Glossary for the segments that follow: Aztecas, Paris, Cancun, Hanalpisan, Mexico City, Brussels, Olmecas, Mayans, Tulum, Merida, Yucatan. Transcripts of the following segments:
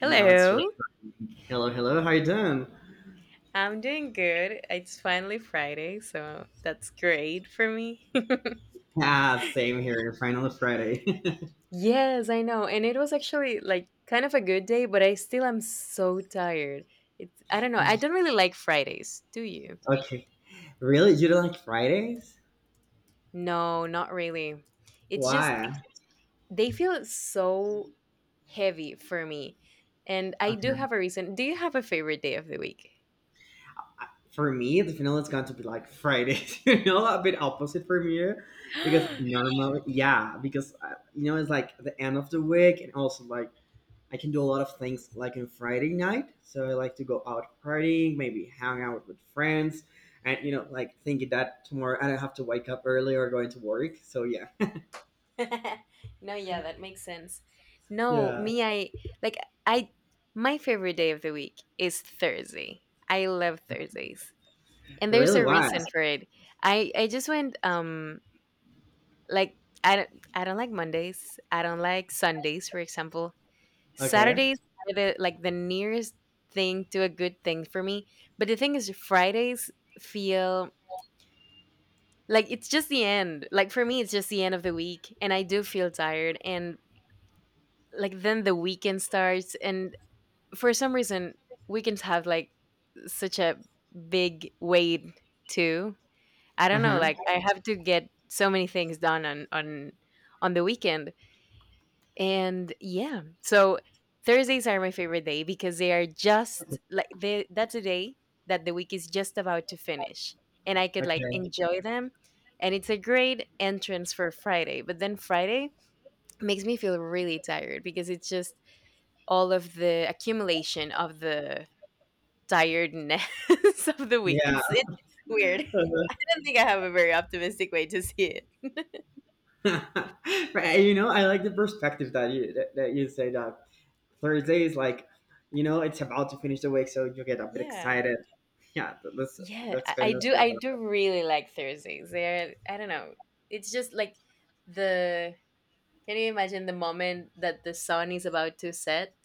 Now it's right. Hello, hello. How you doing? I'm doing good. It's finally Friday, so that's great for me. Ah, same here. Finally, Friday. Yes, I know. And it was actually like kind of a good day, but I still am so tired. It's, I don't know. I don't really like Fridays, do you? Okay. Really? You don't like Fridays? No, not really. It's just Why? they feel so heavy for me. And I do Okay. have a reason. Do you have a favorite day of the week? For me, the final is going to be like Fridays. A bit opposite from you, because normally, yeah, because you know it's like the end of the week, and also like I can do a lot of things like on Friday night. So I like to go out partying, maybe hang out with friends, and like thinking that tomorrow I don't have to wake up early or going to work. So yeah. No, yeah, that makes sense. No, Yeah. me, I like, I, my favorite day of the week is Thursday. I love Thursdays. And there's Really a was. reason for it. I just went like, I don't, I don't like Mondays. I don't like Sundays, for example. Okay. Saturdays are the, like, the nearest thing to a good thing for me. But the thing is Fridays feel like it's just the end. Like for me it's just the end of the week and I do feel tired and like then the weekend starts and for some reason weekends have like such a big weight too. I Uh don't know, huh. like I have to get so many things done on the weekend. And yeah. So Thursdays are my favorite day because they are just like, they, that's a day that the week is just about to finish and I could like Okay. enjoy them. And it's a great entrance for Friday. But then Friday makes me feel really tired because it's just all of the accumulation of the tiredness of the week. Yeah. It's weird. Uh-huh. I don't think I have a very optimistic way to see it. Right. You know, I like the perspective that you say that Thursday is like, it's about to finish the week, so you get a bit Yeah. excited. Yeah. Let's Yeah, let's spend this I do together. really like Thursdays. They're, I don't know. It's just like, the, can you imagine the moment that the sun is about to set?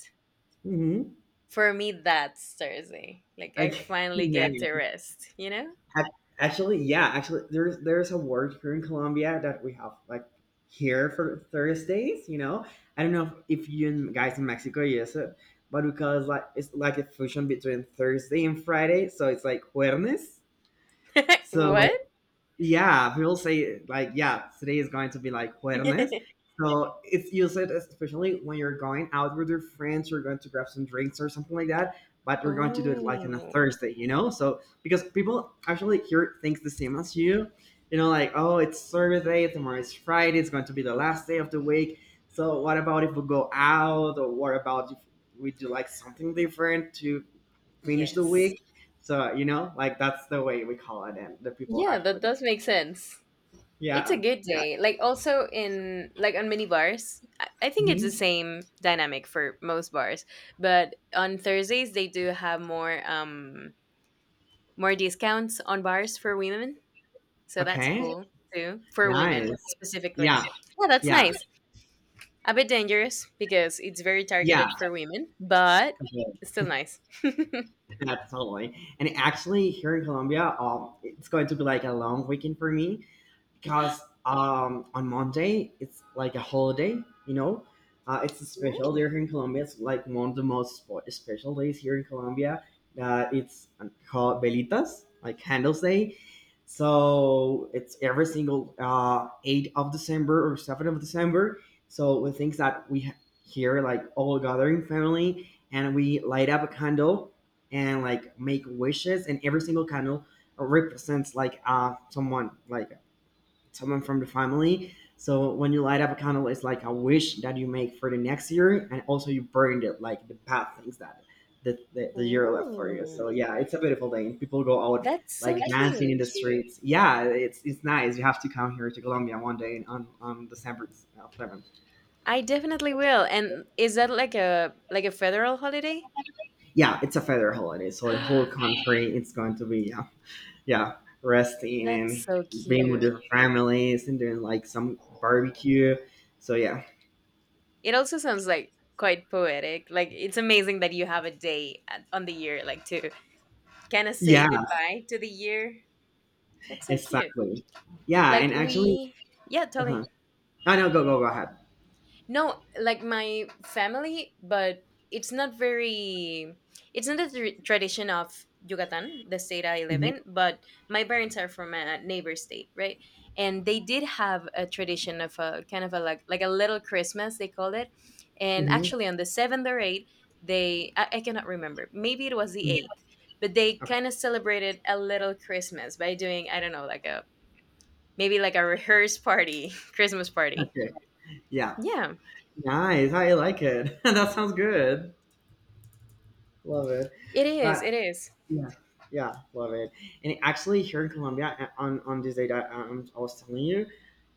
Mm-hmm. For me that's Thursday. Like I Okay. finally Yeah. get to rest, you know? Ac- Actually, yeah, actually, there's a work here in Colombia that we have like here for Thursdays. You know, I don't know if you and guys in Mexico use it, but because like it's like a fusion between Thursday and Friday, so it's like Jueves. So What? yeah, people say like, yeah, today is going to be like jueves. So it's used it especially when you're going out with your friends, you're going to grab some drinks or something like that, but you're going to do it like on a Oh. Thursday, you know? So because people actually here thinks the same as you, oh, it's service day, tomorrow is Friday, it's going to be the last day of the week. So what about if we go out or what about if we do like something different to finish the Yes. week? So, you know, like that's the way we call it and the people Yeah, that actually does make sense. It's a yeah. good Yeah. day. Like also in, like on mini bars, I think it's the Mhm. same dynamic for most bars. But on Thursdays they do have more more discounts on bars for women. So that's Okay. cool too. For Nice. women specifically. Yeah. Yeah, that's Yeah. nice. A bit dangerous because it's very Yeah. targeted for women, but Completely. it's still nice. Yeah, totally. And actually, here in Colombia, it's going to be like a long weekend for me. Because on Monday it's like a holiday, you know. It's a special day Ooh. here in Colombia. It's like one of the most special days here in Colombia. That it's called Velitas, like Candles Day. So it's every single 8th of December or 7th of December. So the things that we here, like all gathering family, and we light up a candle and like make wishes, and every single candle represents like someone, like someone from the family. So when you light up a candle, it's like a wish that you make for the next year, and also you burned it, like the bad things that the year left for you. Ooh. So yeah, it's a beautiful day. People go out That's like so that's dancing in cute. the cute streets. Yeah, it's nice. You have to come here to Colombia one day on December 7th. I definitely will. And is that like a, like a federal holiday? Yeah, it's a federal holiday, so the whole country it's going to be yeah, yeah, resting That's and so so being with cute. their families and doing like some barbecue. So yeah, It also sounds like quite poetic. Like it's amazing that you have a day at, on the year like to kind of say yeah, goodbye to the year. That's so cute. exactly. Yeah, Like and actually, we, yeah, tell uh-huh. me. I know. Go, go, go ahead. No, like my family, but it's not very. It's not a tradition of Yucatan, the state I live in, Hmm. but my parents are from a neighbor state, right? And they did have a tradition of a kind of a, like a little Christmas they called it, and Hmm. actually on the seventh or eighth, they, I cannot remember. Maybe it was the eighth, but they Okay. kind of celebrated a little Christmas by doing, I don't know, like a, maybe like a rehearsed party, Christmas party. Okay. Yeah. Yeah, Nice. I like it. That sounds good. Love it. it is. But It is. yeah, yeah, love it. And actually, here in Colombia, on this date I was telling you,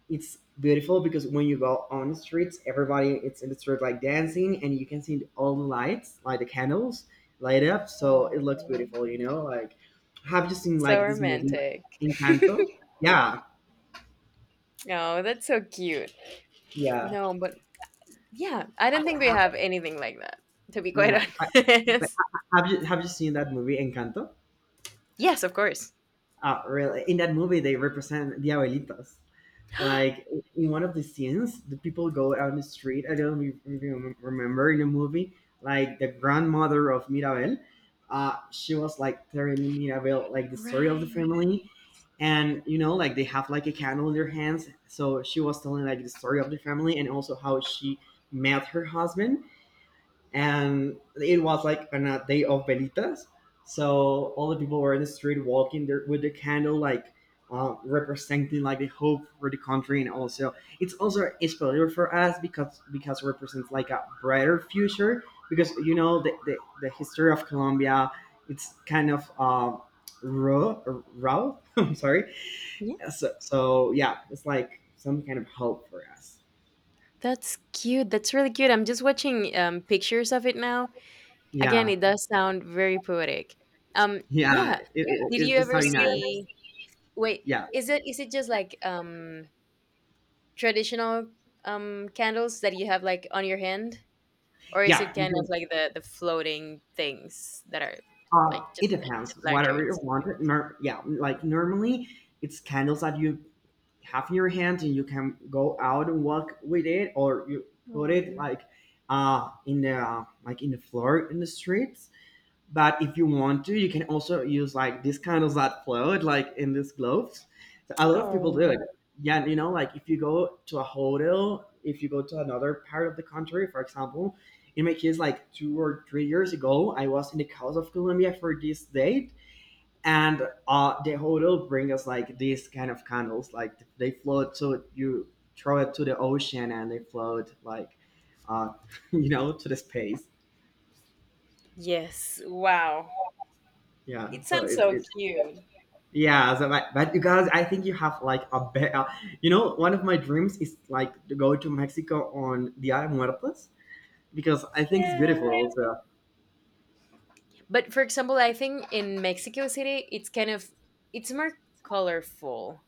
it's beautiful because when you go on the streets, everybody it's in the street like dancing, and you can see all the lights, like the candles, light up. So it Oh, looks beautiful, you know. Like, have you seen so like this movie, romantic. Encanto? Yeah, No, that's so cute. yeah, No, but yeah, I don't think we Ha- have anything like that, to be quite yeah. Like, honest. Have you seen that movie Encanto? Yes, of course. Really, in that movie they represent the abuelitas. Like in one of the scenes, the people go out in the street. I don't remember in the movie, like the grandmother of Mirabel. She was like telling Mirabel like the story of the Right. family, and you know like they have like a candle in their hands. So she was telling like the story of the family and also how she met her husband and it was like on a day of velitas, so all the people were in the street walking there with the candle like representing like the hope for the country and also it's also a failure for us because it represents like a brighter future because you know the history of Colombia it's kind of raw. Raw. I'm sorry. Yeah, So, so yeah, it's like some kind of hope for us. that's cute. That's really cute. I'm just watching pictures of it now. Again, Yeah. it does sound very poetic. Yeah, it, Yeah. yeah, it, it's, Did you it's we ever something nice. see? Wait, Yeah. is it, is it just like traditional candles that you have like on your hand? Or is Yeah, it you kind of can, like the floating things that are like, it just like depends. Whatever you lanterns? want. Yeah, like normally it's candles that you have in your hand and you can go out and walk with it, or you put it Oh, like in the like in the floor in the street. But if you want to, you can also use like this kind of that float, like in these globes. So a lot of people do oh, it. Yeah, you know, like if you go to a hotel, if you go to another part of the country, for example, in my case, like 2 or 3 years ago, I was in the coast of Colombia for this date, and the hotel bring us like these kind of candles, like they float, so you throw it to the ocean and they float like, uh, you know, to the space. Yes. Wow. Yeah, It so sounds it's so it's cute. Yeah, so but you guys, I think you have like a better, you know, one of my dreams is like to go to Mexico on Dia de Muertos because I think it's beautiful Yeah. also. But for example, I think in Mexico City, it's kind of, it's more colorful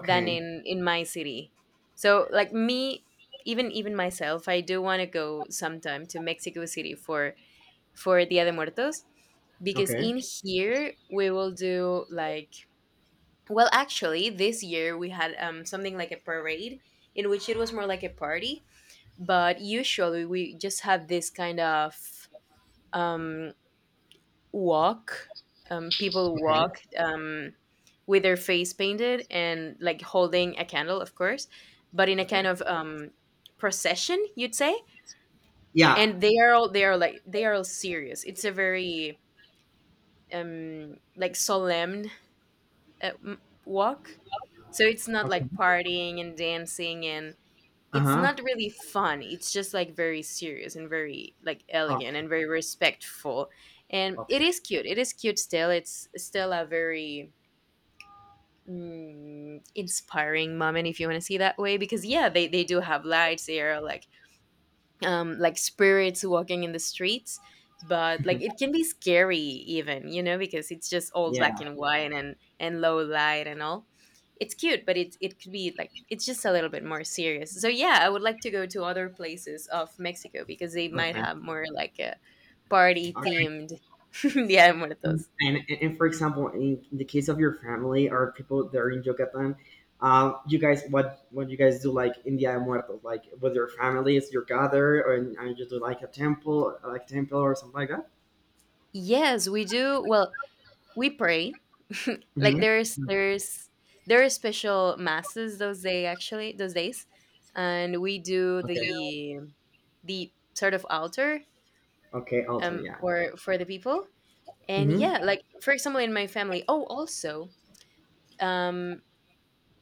than in my city. So like me, even, even myself, I do want to go sometime to Mexico City for Dia de Muertos because Okay. in here we will do like, well, actually, this year we had something like a parade in which it was more like a party, but usually we just have this kind of um, walk. People Okay. walk with their face painted and like holding a candle, of course, but in a kind Okay. of procession, you'd say. Yeah. And they are all, they are like, they are all serious. It's a very like solemn walk. So it's not Okay. like partying and dancing and it's Uh-huh. not really fun. It's just like very serious and very like elegant Okay. and very respectful. And it Okay. is cute. It is cute still. It's still a very inspiring moment if you want to see that way because yeah, they do have lights. They are like spirits walking in the streets, but like it can be scary even, you know, because it's just all black Yeah. and white and low light and all. It's cute, but it could be like, it's just a little bit more serious. So yeah, I would like to go to other places of Mexico because they might Okay. have more like a party Okay. themed yeah And, Muertos. and for example, in the case of your family or people that are in Yucatan, you guys, what you guys do like in Dia de Muertos, like with your families, you gather or and you do like a temple, like temple or something like that. Yes, we do, well, we pray. Like Hmm. There's there are special masses those day, actually those days, and we do Okay, the sort of altar okay, altar, yeah. for the people. And Hmm. yeah, like for example in my family, oh also, um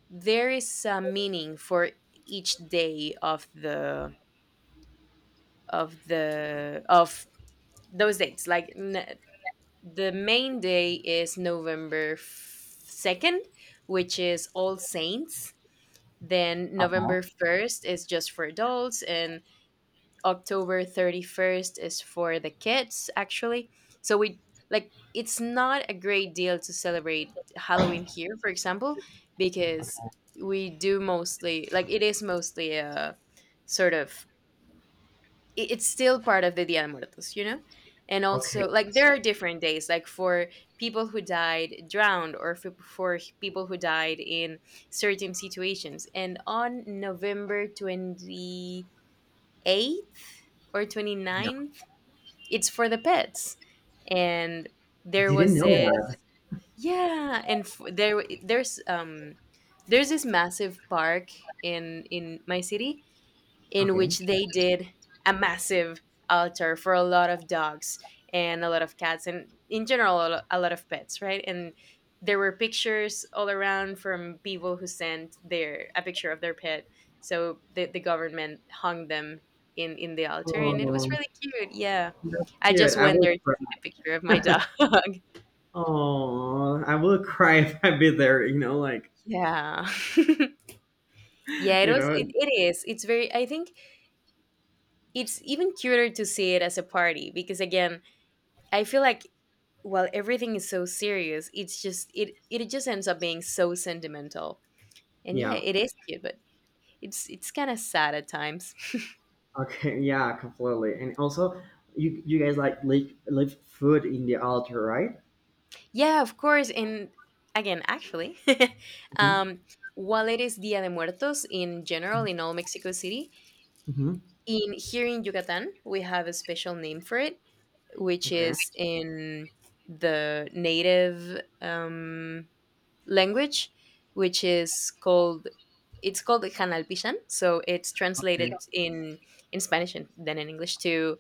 there is a meaning for each day of the, of the, of those dates, like the main day is November 2nd, which is All Saints. Then November 1st is just for adults, and October 31st is for the kids, actually. So we, like, it's not a great deal to celebrate Halloween here, for example, because we do mostly, like it is mostly a sort of, it- it's still part of the Dia de Muertos, you know? And Okay, also, like, there are different days, like for people who died drowned or for people who died in certain situations. And on November 28th or yeah. 29th, it's for the pets. And there Didn't was know this, that. yeah, there there's this massive park in my city in Okay. which they did a massive altar for a lot of dogs and a lot of cats, and in general a a lot of pets, right. And there were pictures all around from people who sent their, a picture of their pet, so the government hung them in the altar, and it was Oh, really cute. Yeah, that's I cute. just I went there will to cry. see the picture of my dog. Oh, I will cry if I be there. You know, like, Yeah. Yeah, it you was, know, it is it's very, I think it's even cuter to see it as a party, because again, I feel like while everything is so serious, it's just, it just ends up being so sentimental. And yeah, yeah. it is cute, but it's kind of sad at times. Okay, yeah, completely. And also, you guys like leave food in the altar, right? Yeah, of course. And again, actually, Mm-hmm. um, while it is Dia de Muertos in general in all Mexico City, Hmm. in here in Yucatan we have a special name for it, which Okay. is in the native language, which is called, it's called Hanalpisan. So it's translated Okay. in Spanish and then in English to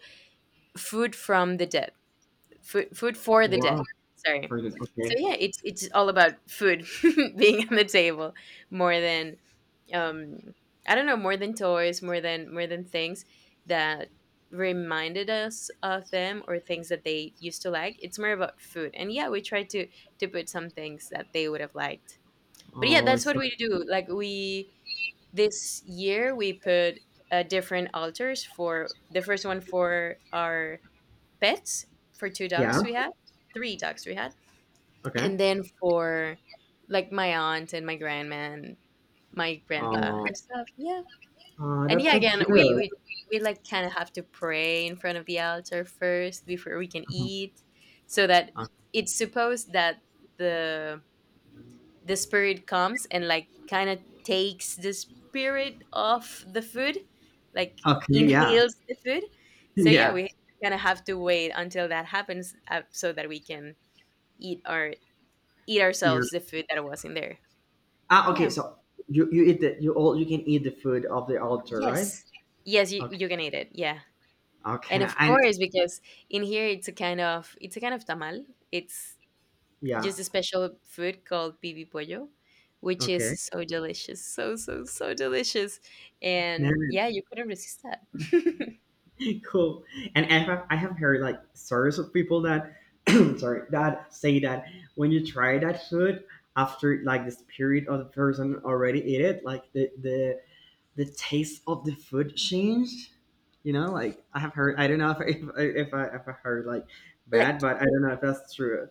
food from the dead, food for the dead. Wow. Sorry. For this. So Okay. yeah, it's all about food being on the table more than um I don't know, more than toys, more than, more than things that reminded us of them or things that they used to like. It's more about food. And yeah, we try to put some things that they would have liked, but yeah, Oh, that's it's what so we do. Like we, this year we put different altars for the first one for our pets, for two yeah. dogs we had, three dogs we had, Okay. and then for like my aunt and my grandma and my grandpa Oh, and stuff. Yeah. oh, And that's yeah, so again, we cute. we we like kind of have to pray in front of the altar first before we can eat, so that Uh, it's supposed that the the spirit comes and like kind of takes the spirit of the food, like Okay. Yeah. inhales the food. So yeah, Yeah. we kind of have to wait until that happens so that we can eat our, eat You're ourselves the food that was in there. ah. Okay. Yeah. So you eat the you all you can eat the food of the altar, right? Yes. Yes, you, Okay. you can eat it. Yeah. And Okay. of And course, because in here it's a kind of, it's a kind of tamal. It's yeah. just a special food called pibi pollo, which is Okay. so delicious, so so so delicious, No. and yeah, you couldn't resist that. Cool. And I have heard like stories of people that, sorry, that say that when you try that food after like the spirit of the person already ate it, like the taste of the food changed. You know, like I have heard. I don't know if I heard like bad, Like, but I don't know if that's true.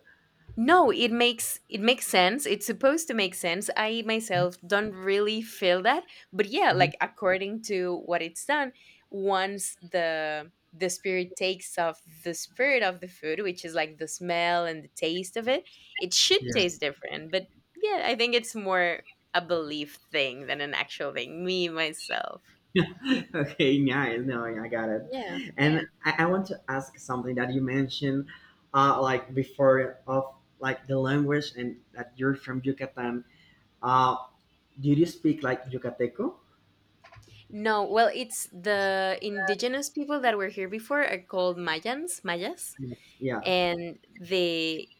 no, it makes, it makes sense. It's supposed to make sense. I myself don't really feel that, but yeah, Uh. like according to what it's done, once the spirit takes off the spirit of the food, which is like the smell and the taste of it, it should Yeah. taste different. But yeah, I think it's more a belief thing than an actual thing. Me myself. Okay, nice. No, I got it. Yeah. Yeah. And I want to ask something that you mentioned, like before of like the language and that you're from Yucatan. Uh, did you speak like Yucateco? No, well, it's the indigenous people that were here before are called Mayans, Mayas, Yes. Yeah. and they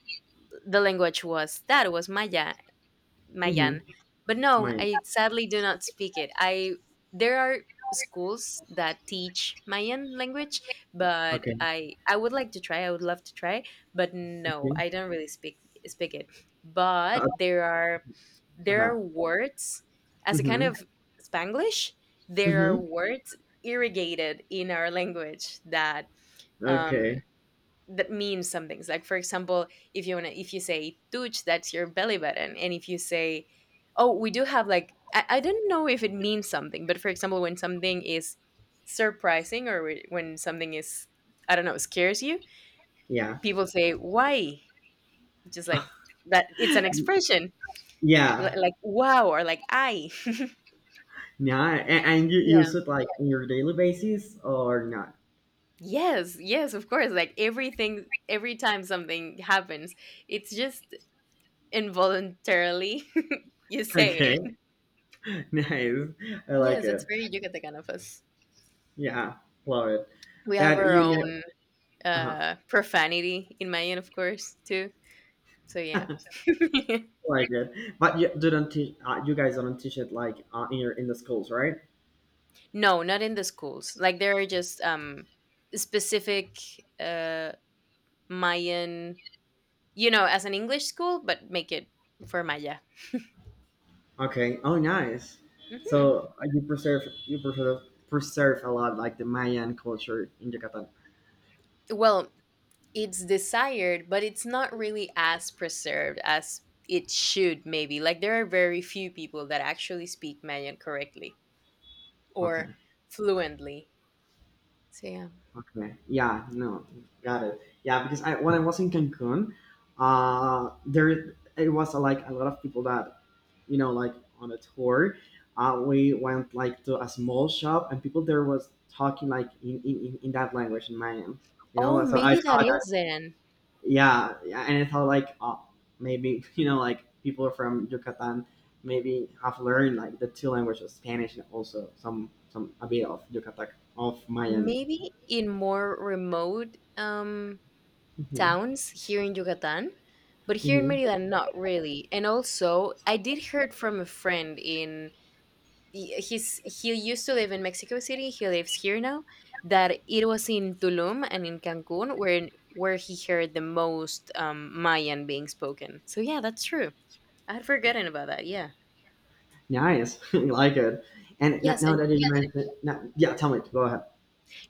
the language was that was Maya Mm-hmm. Mayan. But no, My I sadly do not speak it. I there are schools that teach Mayan language, but okay. I would like to try. I would love to try, but no, Okay. I don't really speak it. But Uh, there are there uh-huh. are words as a kind Mm-hmm. of Spanglish. There are Mm-hmm. words irrigated in our language that um Okay. that means some things. Like for example, if you say "tuch," that's your belly button. And if you say, oh, we do have like I don't know if it means something, but for example, when something is surprising or when something is, I don't know, scares you, Yeah. people say why? Just like that, it's an expression. li- Yeah. Like wow or like I. Yeah. And you Yeah. use it like on your daily basis or not? Yes, yes, of course. Like everything, every time something happens, it's just involuntarily you say it. Okay. Nice. I like Yes, it's it. very Yucatecan of us. Yeah, love it. We have But our you know, own uh profanity in Mayan, of course, too. So yeah. like it. But you didn't teach. You guys don't teach it like in your in the schools, right? No, not in the schools. Like there are just specific uh, Mayan, you know, as an English school, but make it for Maya. Okay. Oh, nice. hmm So you preserve a lot like the Mayan culture in Yucatan. Well, it's desired, but it's not really as preserved as it should. Maybe like there are very few people that actually speak Mayan correctly Okay. or fluently. So yeah. Okay. Yeah. No. Got it. Yeah, because I when I was in Cancun, there it was like a lot of people that, you know, like on a tour. We went like to a small shop, and people there was talking like in that language in Mayan. You know, Oh, like, so I maybe that thought that is then. yeah, yeah, and I thought like oh, maybe you know like people from Yucatan maybe have learned like the two languages, Spanish and also some a bit of Yucatan of Mayan. Maybe in more remote Hmm. towns here in Yucatan, but here in Merida, not really. And also, I did heard from a friend in he used to live in Mexico City. He lives here now. That it was in Tulum and in Cancun where he heard the most Mayan being spoken. So yeah, that's true. I had forgotten about that. Yeah. Nice. I like it. And Yes, now and that you mentioned, yeah, tell me. Go ahead.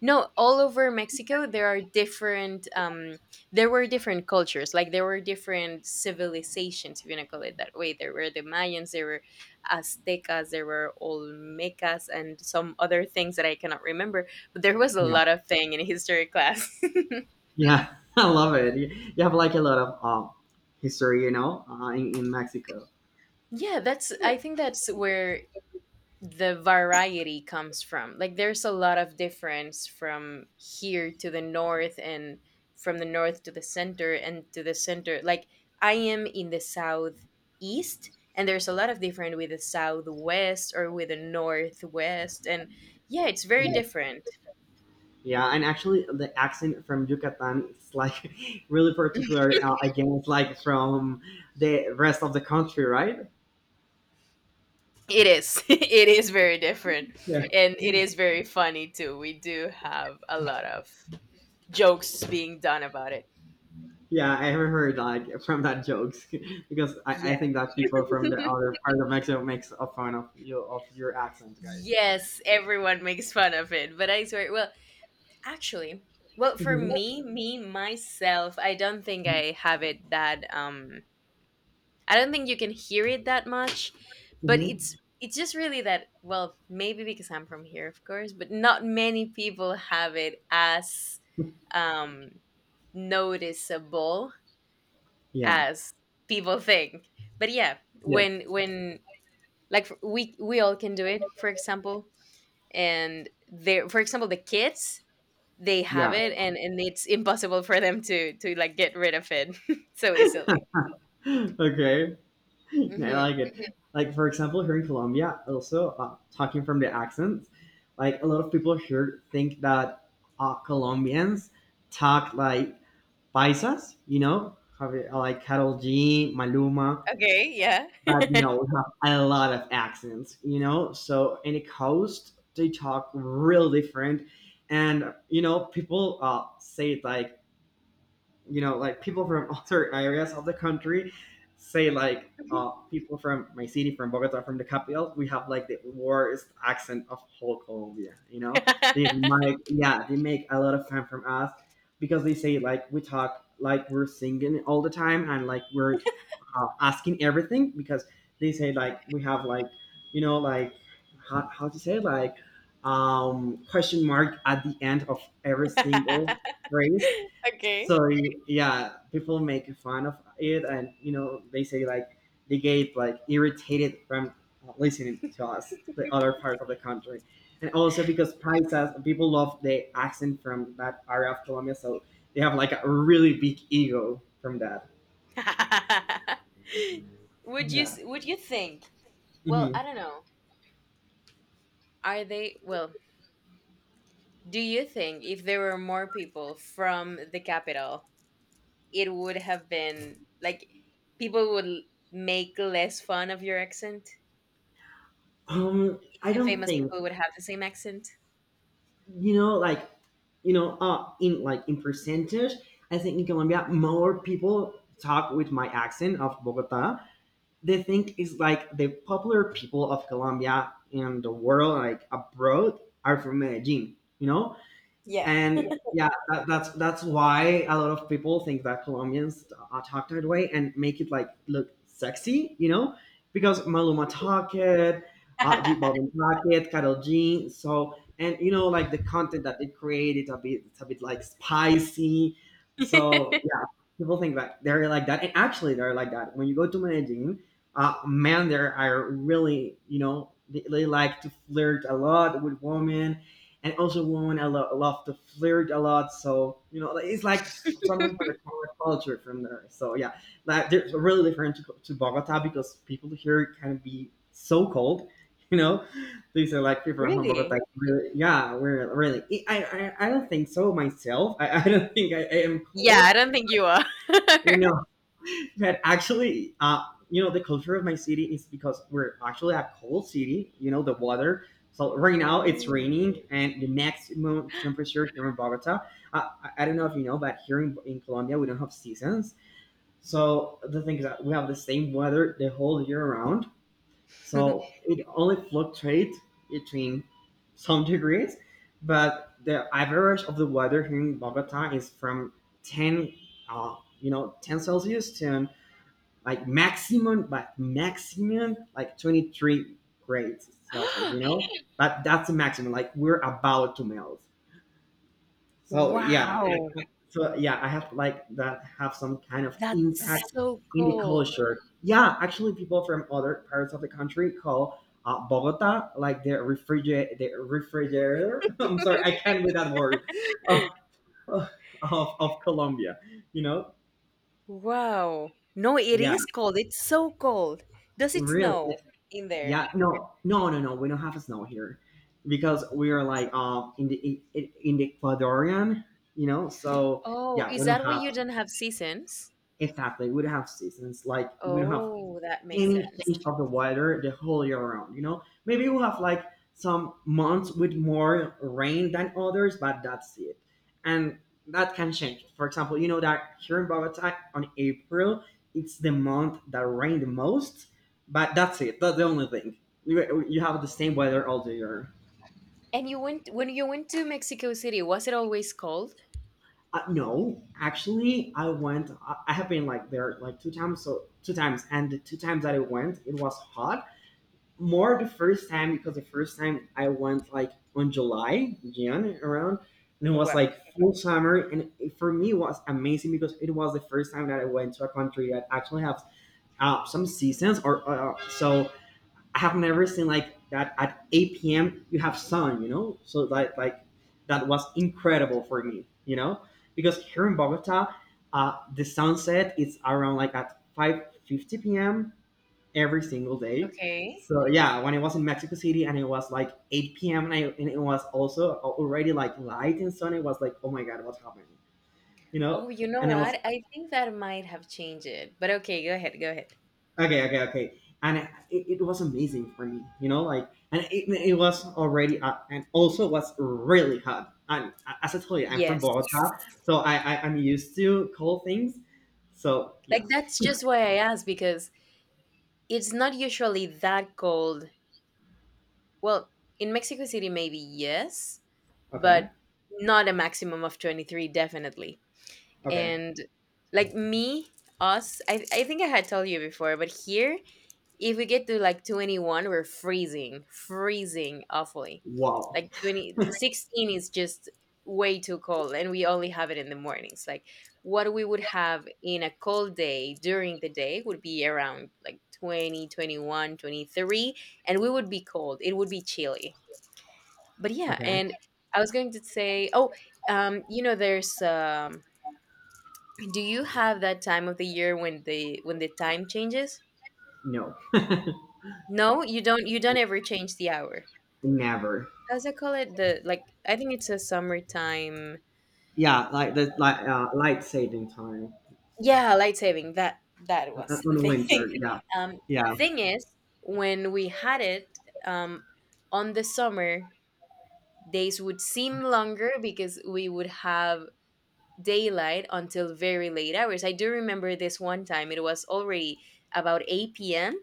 No, all over Mexico there are different. There were different cultures, like there were different civilizations, if you want to call it that way. There were the Mayans, there were Aztecas, there were Olmecas, and some other things that I cannot remember. But there was a Yeah, lot of thing in history class. yeah, I love it. You have like a lot of history, you know, in Mexico. Mhm. Yeah, that's. I think that's where the variety comes from. Like there's a lot of difference from here to the north and from the north to the center and to the center. Like I am in the southeast and there's a lot of different with the southwest or with the northwest and yeah, it's very different. Yeah, and actually, the accent from Yucatan is like really particular. Again, it's like from the rest of the country, right? It is. It is very different. Yeah. And it is very funny too. We do have a lot of jokes being done about it. Yeah, I haven't heard like from that jokes because I Yeah. think that people from the other part of Mexico makes a fun of you of your accent, guys. Yes, everyone makes fun of it, but I swear, well, actually, well, for Mhm. me, me myself, I don't think I have it that I don't think you can hear it that much, but Mhm. it's just really that, well, maybe because I'm from here, of course, but not many people have it as um noticeable Yeah. as people think. But yeah, Yeah. when like we all can do it, for example, and they for example the kids they have Yeah. it and it's impossible for them to like get rid of it so easily. Okay. I Hmm. like it. Like for example, here in Colombia, also talking from the accents, like a lot of people here think that Colombians talk like paisas, you know, like Carol G, Maluma, Okay, yeah. but no, we have a lot of accents, you know. So in the coast, they talk real different, and you know, people say it like you know, like people from other areas of the country say like people from my city, from Bogota, from the capital, we have like the worst accent of whole Colombia. You know, they make a lot of fun from us because they say like we talk like we're singing all the time and like we're asking everything because they say like we have like you know like how to say like question mark at the end of every single phrase. Okay. So yeah, people make fun of it, and you know they say like they get like irritated from listening to us the other parts of the country, and also because paisas people love the accent from that area of Colombia, so they have like a really big ego from that. would you Yeah. s- would you think, well, Mhm. I don't know, are they, well, do you think if there were more people from the capital it would have been like people would make less fun of your accent? Like I the don't famous think, people would have the same accent. you know, like you know in like in percentage, I think in Colombia more people talk with my accent of Bogota. They think is like the popular people of Colombia in the world, like abroad, are from Medellin. You know, Yeah. and yeah, that's why a lot of people think that Colombians are talk that way and make it like look sexy, you know, because Maluma talk it, G Balvin talk it, Karol G. So and you know like the content that they create, it's a bit like spicy. So yeah, people think that they're like that, and actually they're like that. When you go to Medellin, men there are really you know they like to flirt a lot with women, and also women love to flirt a lot, so you know like, it's like something from the common culture from there. So yeah, like there's really different to Bogota because people here can be so cold you know. These are like people from Really? Bogota really, yeah we're really I don't think so myself I don't think I am Yeah, cold, I don't think you are. you know. But actually, you know, the culture of my city is because we're actually a cold city. You know, the weather. So right now it's Ooh. raining, and the maximum temperature here in Bogota. I don't know if you know, but here in Colombia we don't have seasons. So the thing is that we have the same weather the whole year around. So it only fluctuates between some degrees, but the average of the weather here in Bogota is from ten, you know, ten Celsius to like maximum, but maximum like 23 grades Celsius, you know? But that's the maximum. Like we're about to melt. So yeah. Wow. So yeah, I have like that have some kind of That's impact so in the cold. culture. Yeah, actually people from other parts of the country call Bogota like the refrigerator. I'm sorry, I can't with that word of, of Colombia, you know? Wow. No, it Yeah, is cold. It's so cold. Does it really. snow in there? Yeah, no, we don't have snow here because we are like in the in the Ecuadorian, you know. So Oh, yeah, is we don't that why have you don't have seasons? exactly. We don't have seasons. Like we don't have Oh, that makes any sense. change of the weather the whole year round. You know, maybe you have like some months with more rain than others, but that's it, and that can change. For example, you know that here in Bogota on April, it's the month that rain the most, but that's it. That's the only thing. You have the same weather all the year. And you went when you went to Mexico City, was it always cold? No, actually, I went. I have been like there like two times. So two times, and the two times that I went, it was hot more the first time because the first time I went like on July, Jan around, and it was Wow. like full summer, and it, for me it was amazing because it was the first time that I went to a country that actually has some seasons, or so I have never seen like that at 8 p.m. you have sun, you know, so like that was incredible for me, you know, because here in Bogota, the sunset is around like at 5:50 p.m every single day. Okay. So yeah, when I was in Mexico City and it was like 8 p.m. and, and it was also already like light and sun, it was like, oh my god, what's happening? You know? Oh, you know And I was what? I think that might have changed it. But okay, go ahead, go ahead. Okay. And it was amazing for me, you know, like, and it was already, and also was really hot. And as I told you, I'm from Yes. Bogota, so I'm used to cold things. So yeah, Like that's just why I asked because it's not usually that cold. Well, in Mexico City maybe yes, okay, but not a maximum of 23 definitely. okay, And like me, us, I think I had told you before, but here if we get to like 21 we're freezing awfully, wow, like 20, 16 is just way too cold, and we only have it in the mornings. Like what we would have in a cold day during the day would be around like 20, 21, 23, and we would be cold, it would be chilly. But yeah, okay, and I was going to say, oh, there's, do you have that time of the year when the time changes? no, No, you don't ever change the hour. never. As I call it? The, like, I think it's a summertime. Yeah, like the like light saving time. Yeah, light saving. That was In the the winter. thing. Yeah, Um, yeah. thing is, when we had it, um, on the summer days would seem longer because we would have daylight until very late hours. I do remember this one time. It was already about 8 p.m.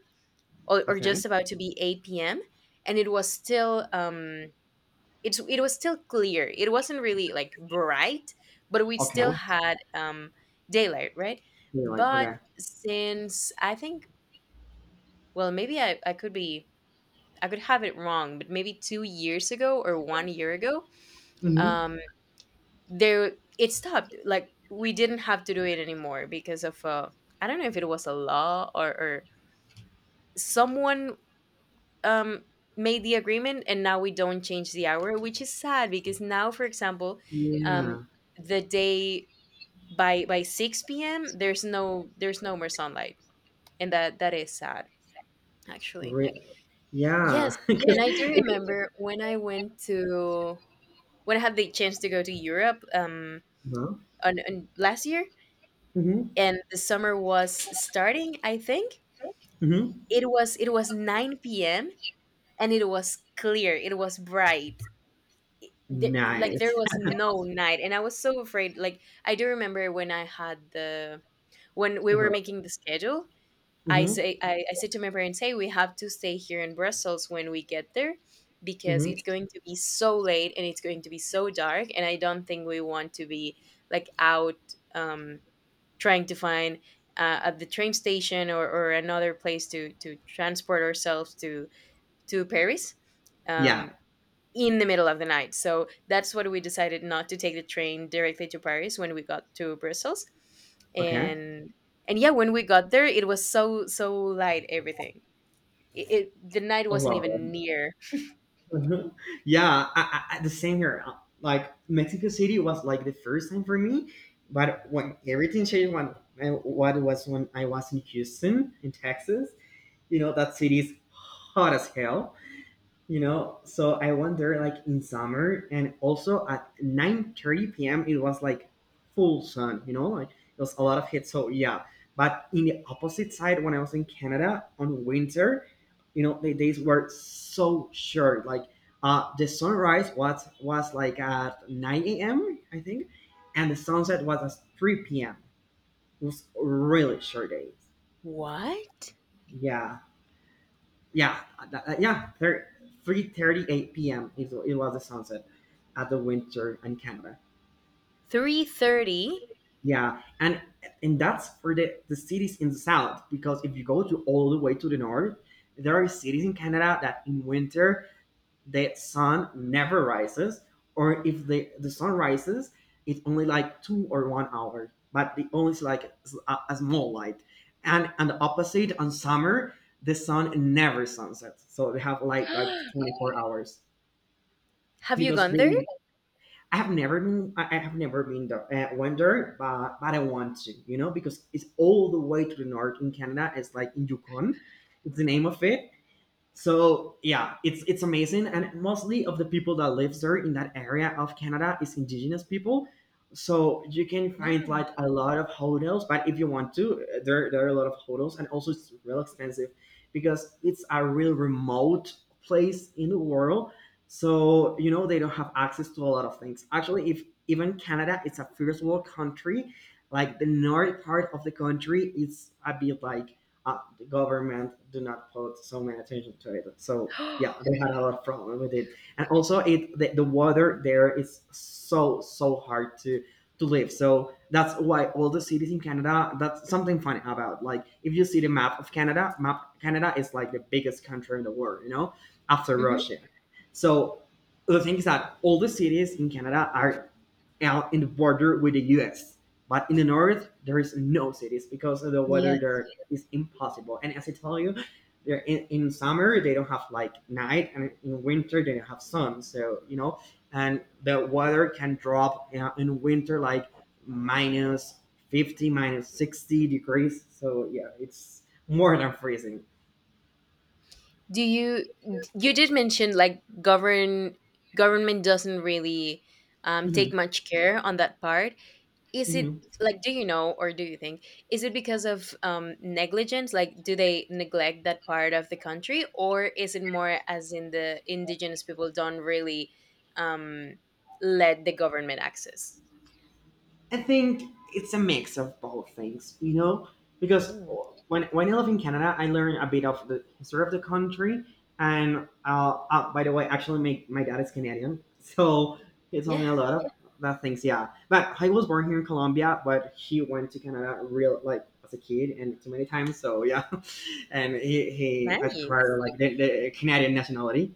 or just Okay, about to be 8 p.m., and it was still it was still clear, it wasn't really like bright, but we okay. still had daylight, right? You're like But okay. since I think, well, maybe I could have it wrong, but maybe 2 years ago or one year ago, Hmm. um there, it stopped, like we didn't have to do it anymore because of I don't know if it was a law, or someone, um made the agreement, and now we don't change the hour, which is sad because now, for example, um Yeah. the day, by 6 p.m. there's no more sunlight, and that is sad, actually. Re- Yes, yeah. 'Cause and I do remember when I went to when I had the chance to go to europe, uh-huh. on last year, Mhm. and the summer was starting, I think. Mhm. It was 9 p.m. and it was clear, it was bright, like there Nice. was no night, and I was so afraid. Like I do remember when I had the when we were Uh-huh. making the schedule, i Mhm. say i, I said to my parents, hey, we have to stay here in brussels when we get there because Mhm. it's going to be so late and it's going to be so dark and I don't think we want to be like out, um, trying to find at the train station, or, another place to transport ourselves to paris, Yeah. um, in the middle of the night. So that's what we decided, not to take the train directly to Paris when we got to Brussels. Okay. And and yeah, when we got there, it was so so light, everything. It the night I wasn't love it. even near. Mhm. Yeah. The same here. Like Mexico City was like the first time for me, but when everything changed when what it was when I was in Houston in Texas. You know that city is hot as hell, you know, so I went there like in summer and also at 9:30 p.m it was like full sun, you know, like it was a lot of heat. So yeah, but in the opposite side, when I was in Canada on winter, you know, the days were so short like the sunrise was like at 9 a.m I think, and the sunset was at 3 p.m. It was really short days. What? Yeah. yeah, yeah, 3:38 p.m. It was the sunset at the winter in Canada. 3:30? Yeah, and that's for the cities in the south because if you go to all the way to the north, there are cities in Canada that in winter the sun never rises, or if the sun rises, it's only like 2 or 1 hour, but the only is like a small light. And the opposite on summer, the sun never sunsets, so they have like 24 hours Have you because gone there? they. I have never been. I have never been there. Went there, but I want to, you know, because it's all the way to the north in Canada. It's like in Yukon. It's the name of it, so yeah, it's amazing, and mostly of the people that lives there in that area of Canada is indigenous people. So you can find like a lot of hotels, but if you want to, there are a lot of hotels, and also it's real expensive because it's a real remote place in the world. So you know they don't have access to a lot of things. Actually, if even Canada, it's a first world country. Like the north part of the country, it's a bit like the government do not put so many attention to it. So Hmm. yeah, they had a lot of problem with it, and also it the water there is so so hard to live. So that's why all the cities in Canada. That's something funny about like if you see the map of Canada, map Canada is like the biggest country in the world, you know, after Russia. So the thing is that all the cities in Canada are out in the border with the US. But in the north, there is no cities because of the weather Yes. there is impossible. And as I tell you, there in summer they don't have like night, and in winter they don't have sun. So you know, and the weather can drop in winter like minus 50, minus 60 degrees. So yeah, it's more than freezing. Do you you did mention like government doesn't really Mhm, take much care on that part. Is it mhm. like, do you know or do you think, is it because of negligence, like do they neglect that part of the country, or is it more as in the indigenous people don't really um, let the government access. I think it's a mix of both things, you know, because Mm, when I live in Canada, I learn a bit of the history of the country, and by the way, actually, my dad is Canadian, so he told me yeah. a lot of that things. Yeah, but I was born here in Colombia, but he went to Canada real like as a kid and too many times. So yeah, and he Nice. acquired like the Canadian nationality,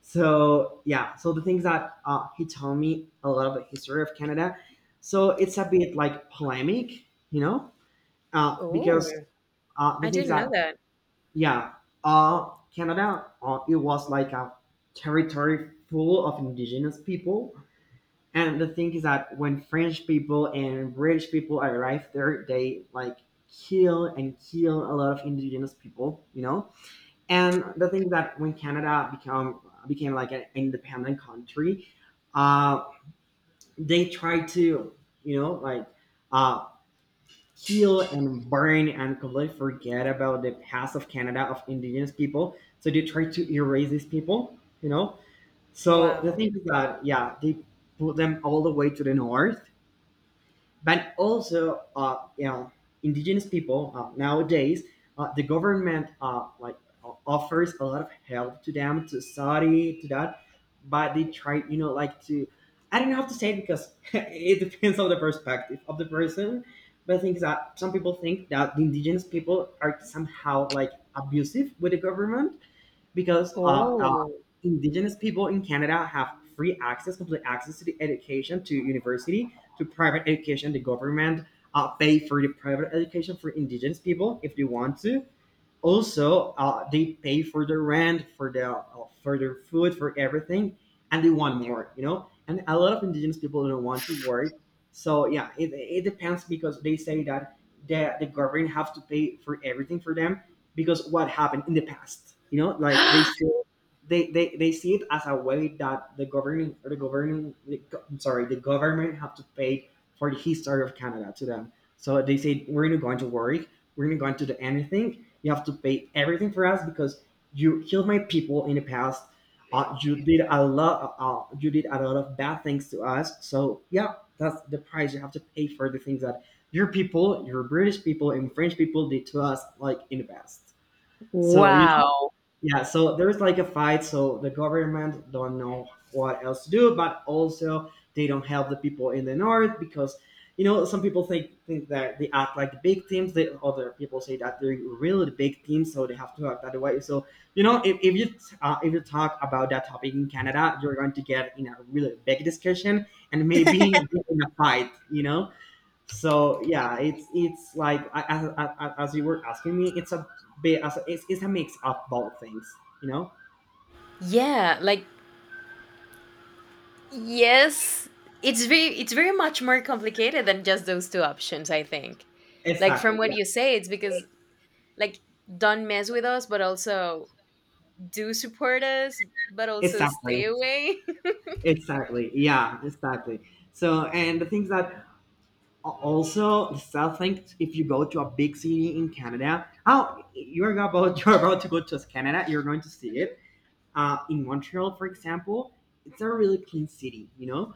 so yeah, so the things that he told me a lot of the history of Canada. So it's a bit like polemic, you know, uh, Oh, because uh, I the things didn't know that that. yeah, uh, Canada it was like a territory full of indigenous people, and the thing is that when French people and British people arrived there, they like kill and kill a lot of indigenous people, you know, and the thing that when Canada become became like an independent country, uh, they tried to, you know, like uh, kill and burn and completely forget about the past of Canada of indigenous people. So they tried to erase these people, you know. So the Wow. thing is that yeah, they put them all the way to the north, but also you know, indigenous people nowadays the government, like, offers a lot of help to them to study to that, but they try, you know, like to, I don't know how to say it because it depends on the perspective of the person, but I think that some people think that the indigenous people are somehow like abusive with the government because Oh. indigenous people in Canada have free access, complete access to the education, to university, to private education. The government pay for the private education for indigenous people if they want to. Also, they pay for the rent, for the for their food, for everything, and they want more. You know, and a lot of indigenous people don't want to work. So yeah, it depends because they say that the government have to pay for everything for them because what happened in the past. You know, like they still they see it as a way that the governing or the governing I'm sorry, the government have to pay for the history of Canada to them. So they say we're not going to work, we're not going to do anything, you have to pay everything for us because you killed my people in the past. You did a lot. You did a lot of bad things to us. So yeah, that's the price you have to pay for the things that your people, your British people, and French people did to us, like in the past. So you know. Wow. Yeah, so there's like a fight, so the government don't know what else to do, but also they don't help the people in the north because, you know, some people think that they act like the victims. The other people say that they're really the victims, so they have to act that way. So you know, if you if you talk about that topic in Canada, you're going to get in a really big discussion and maybe in a fight. You know. So yeah, it's like as you were asking me, it's a it's a mix of both things, you know. Yeah. Like, yes, it's very much more complicated than just those two options, I think. Like from Exactly. what Yeah. you say, it's because, like, don't mess with us, but also do support us, but also stay Exactly. away. Exactly. Yeah. Exactly. So and the things that also the south thing, if you go to a big city in Canada, oh, you're about you're about to go to Canada, you're going to see Mhm. it. In Montreal, for example, it's a really clean city, you know.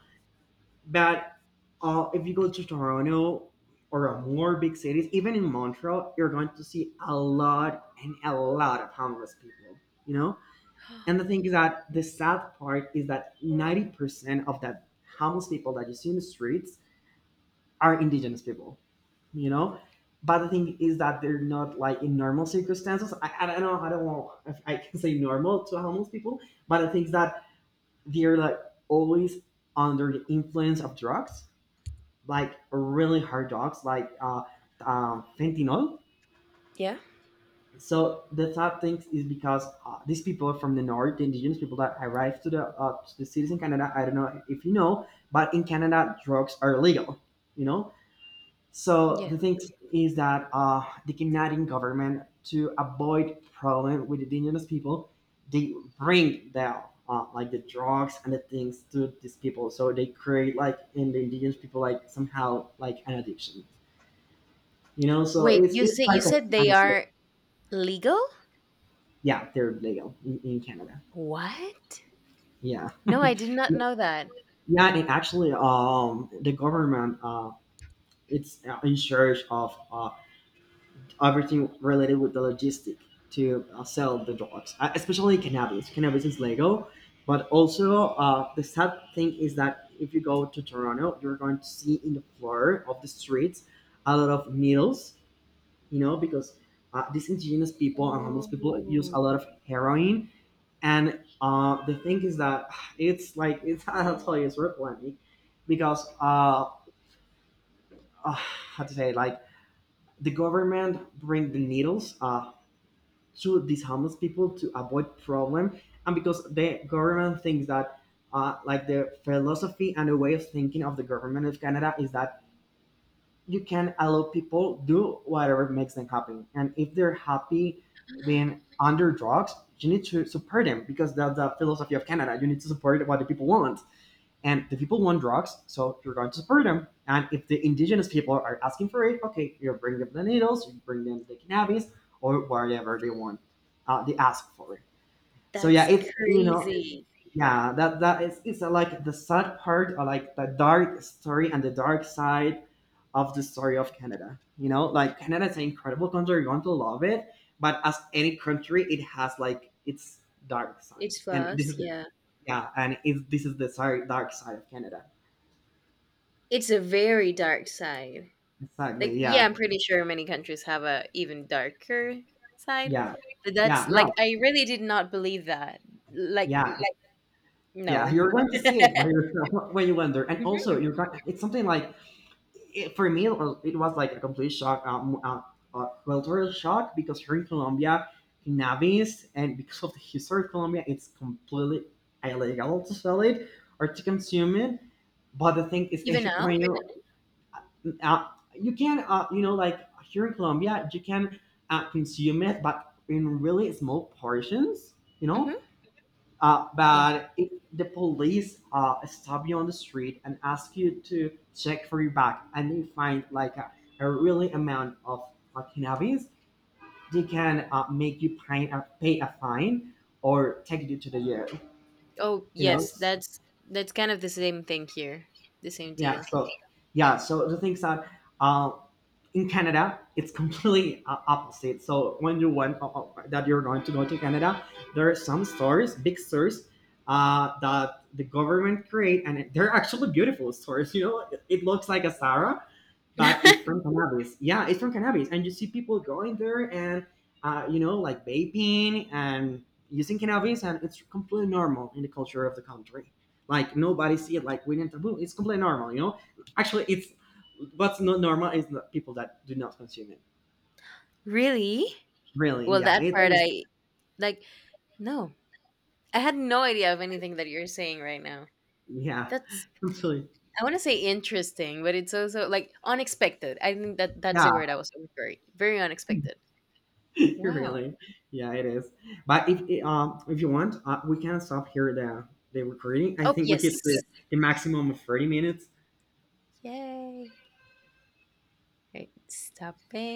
But if you go to Toronto or more big cities, even in Montreal, you're going to see a lot and a lot of homeless people, you know? And the thing is that the sad part is that 90% of that homeless people that you see in the streets are indigenous people, you know? But the thing is that they're not like in normal circumstances. I don't know if I can say normal to homeless people, but the thing is that they're like always under the influence of drugs, like really hard drugs, like fentanyl. Yeah. So the sad thing is because these people from the north, the indigenous people that arrived to the cities in Canada, I don't know if you know, but in Canada drugs are illegal, you know. So Yes. the thing is that the Canadian government, to avoid problem with the indigenous people, they bring the like the drugs and the things to these people. So they create like in the indigenous people like somehow like an addiction. You know, so Wait, you it's say you like a said side they of, are legal? yeah, they're legal in Canada. What? Yeah, No, I did not know that. yeah. And actually, the government, it's in charge of everything related with the logistic to sell the drugs, especially cannabis. Cannabis is legal, but also the sad thing is that if you go to Toronto, you're going to see in the floor of the streets a lot of needles, you know, because these indigenous people and homeless people use Oh. a lot of heroin. And the thing is that it's like, it's I'll tell you it's replanting because how to say, like, the government bring the needles to these homeless people to avoid problem, and because the government thinks that like the philosophy and the way of thinking of the government of Canada is that you can allow people do whatever makes them happy, and if they're happy being under drugs, you need to support them because that's the philosophy of Canada. You need to support what the people want. And the people want drugs, so you're going to support them. And if the indigenous people are asking for it, okay, you bring them the needles, you bring them the cannabis, or whatever they want, they ask for it. So yeah, That's it's, you know, crazy. yeah, that is, it's like the sad part, or like the dark story and the dark side of the story of Canada. You know, like Canada is an incredible country. You're going to love it, but as any country, it has like its dark side, It's and this fast, is, yeah. yeah, and it's, this is the, sorry, dark side of Canada. It's a very dark side. Like, Exactly. yeah, Yeah. I'm pretty sure many countries have a even darker side, Yeah. but that's Yeah. like No. I really did not believe that. Like, Yeah. Yeah. no, You're going to see it by yourself when you wonder, and also hmm you're not, it's something like it, for me. It was like a complete shock, cultural shock because here in Colombia, cannabis, and because of the history of Colombia, it's completely illegal to sell it or to consume it. But the thing is, even now. when you uh, you can you know, like, here in Colombia you can consume it but in really small portions, you Hmm. know. Yeah. But if the police stop you on the street and ask you to check for your bag and they find like a really amount of cannabis, they can make you pay pay a fine or take you to the jail, Oh, you know. yes, that's kind of the same thing here, the same Yeah, deal. so yeah, so the things that uh, in Canada it's completely opposite, so when you went that you're going to go to Canada, there are some stores, big stores, that the government create and they're actually beautiful stores, you know, it looks like a Zara, but it's from cannabis. Yeah, it's from cannabis, and you see people going there and you know, like vaping and using cannabis, and it's completely normal in the culture of the country. Like nobody see it like we didn't taboo. It's completely normal, you know. Actually, it's, what's not normal is the people that do not consume it. Really? Really, Well, yeah, that it, part I like. No, I had no idea of anything that you're saying right now. yeah, That's, completely, I want to say, interesting, but it's also like unexpected. I think that that's yeah, the word I was looking for. Very unexpected. Wow. really, yeah, it is. But if it, if you want, we can stop here the recording. I Oh, think we hit yes. the maximum of 30 minutes. Yay! Right, stopping.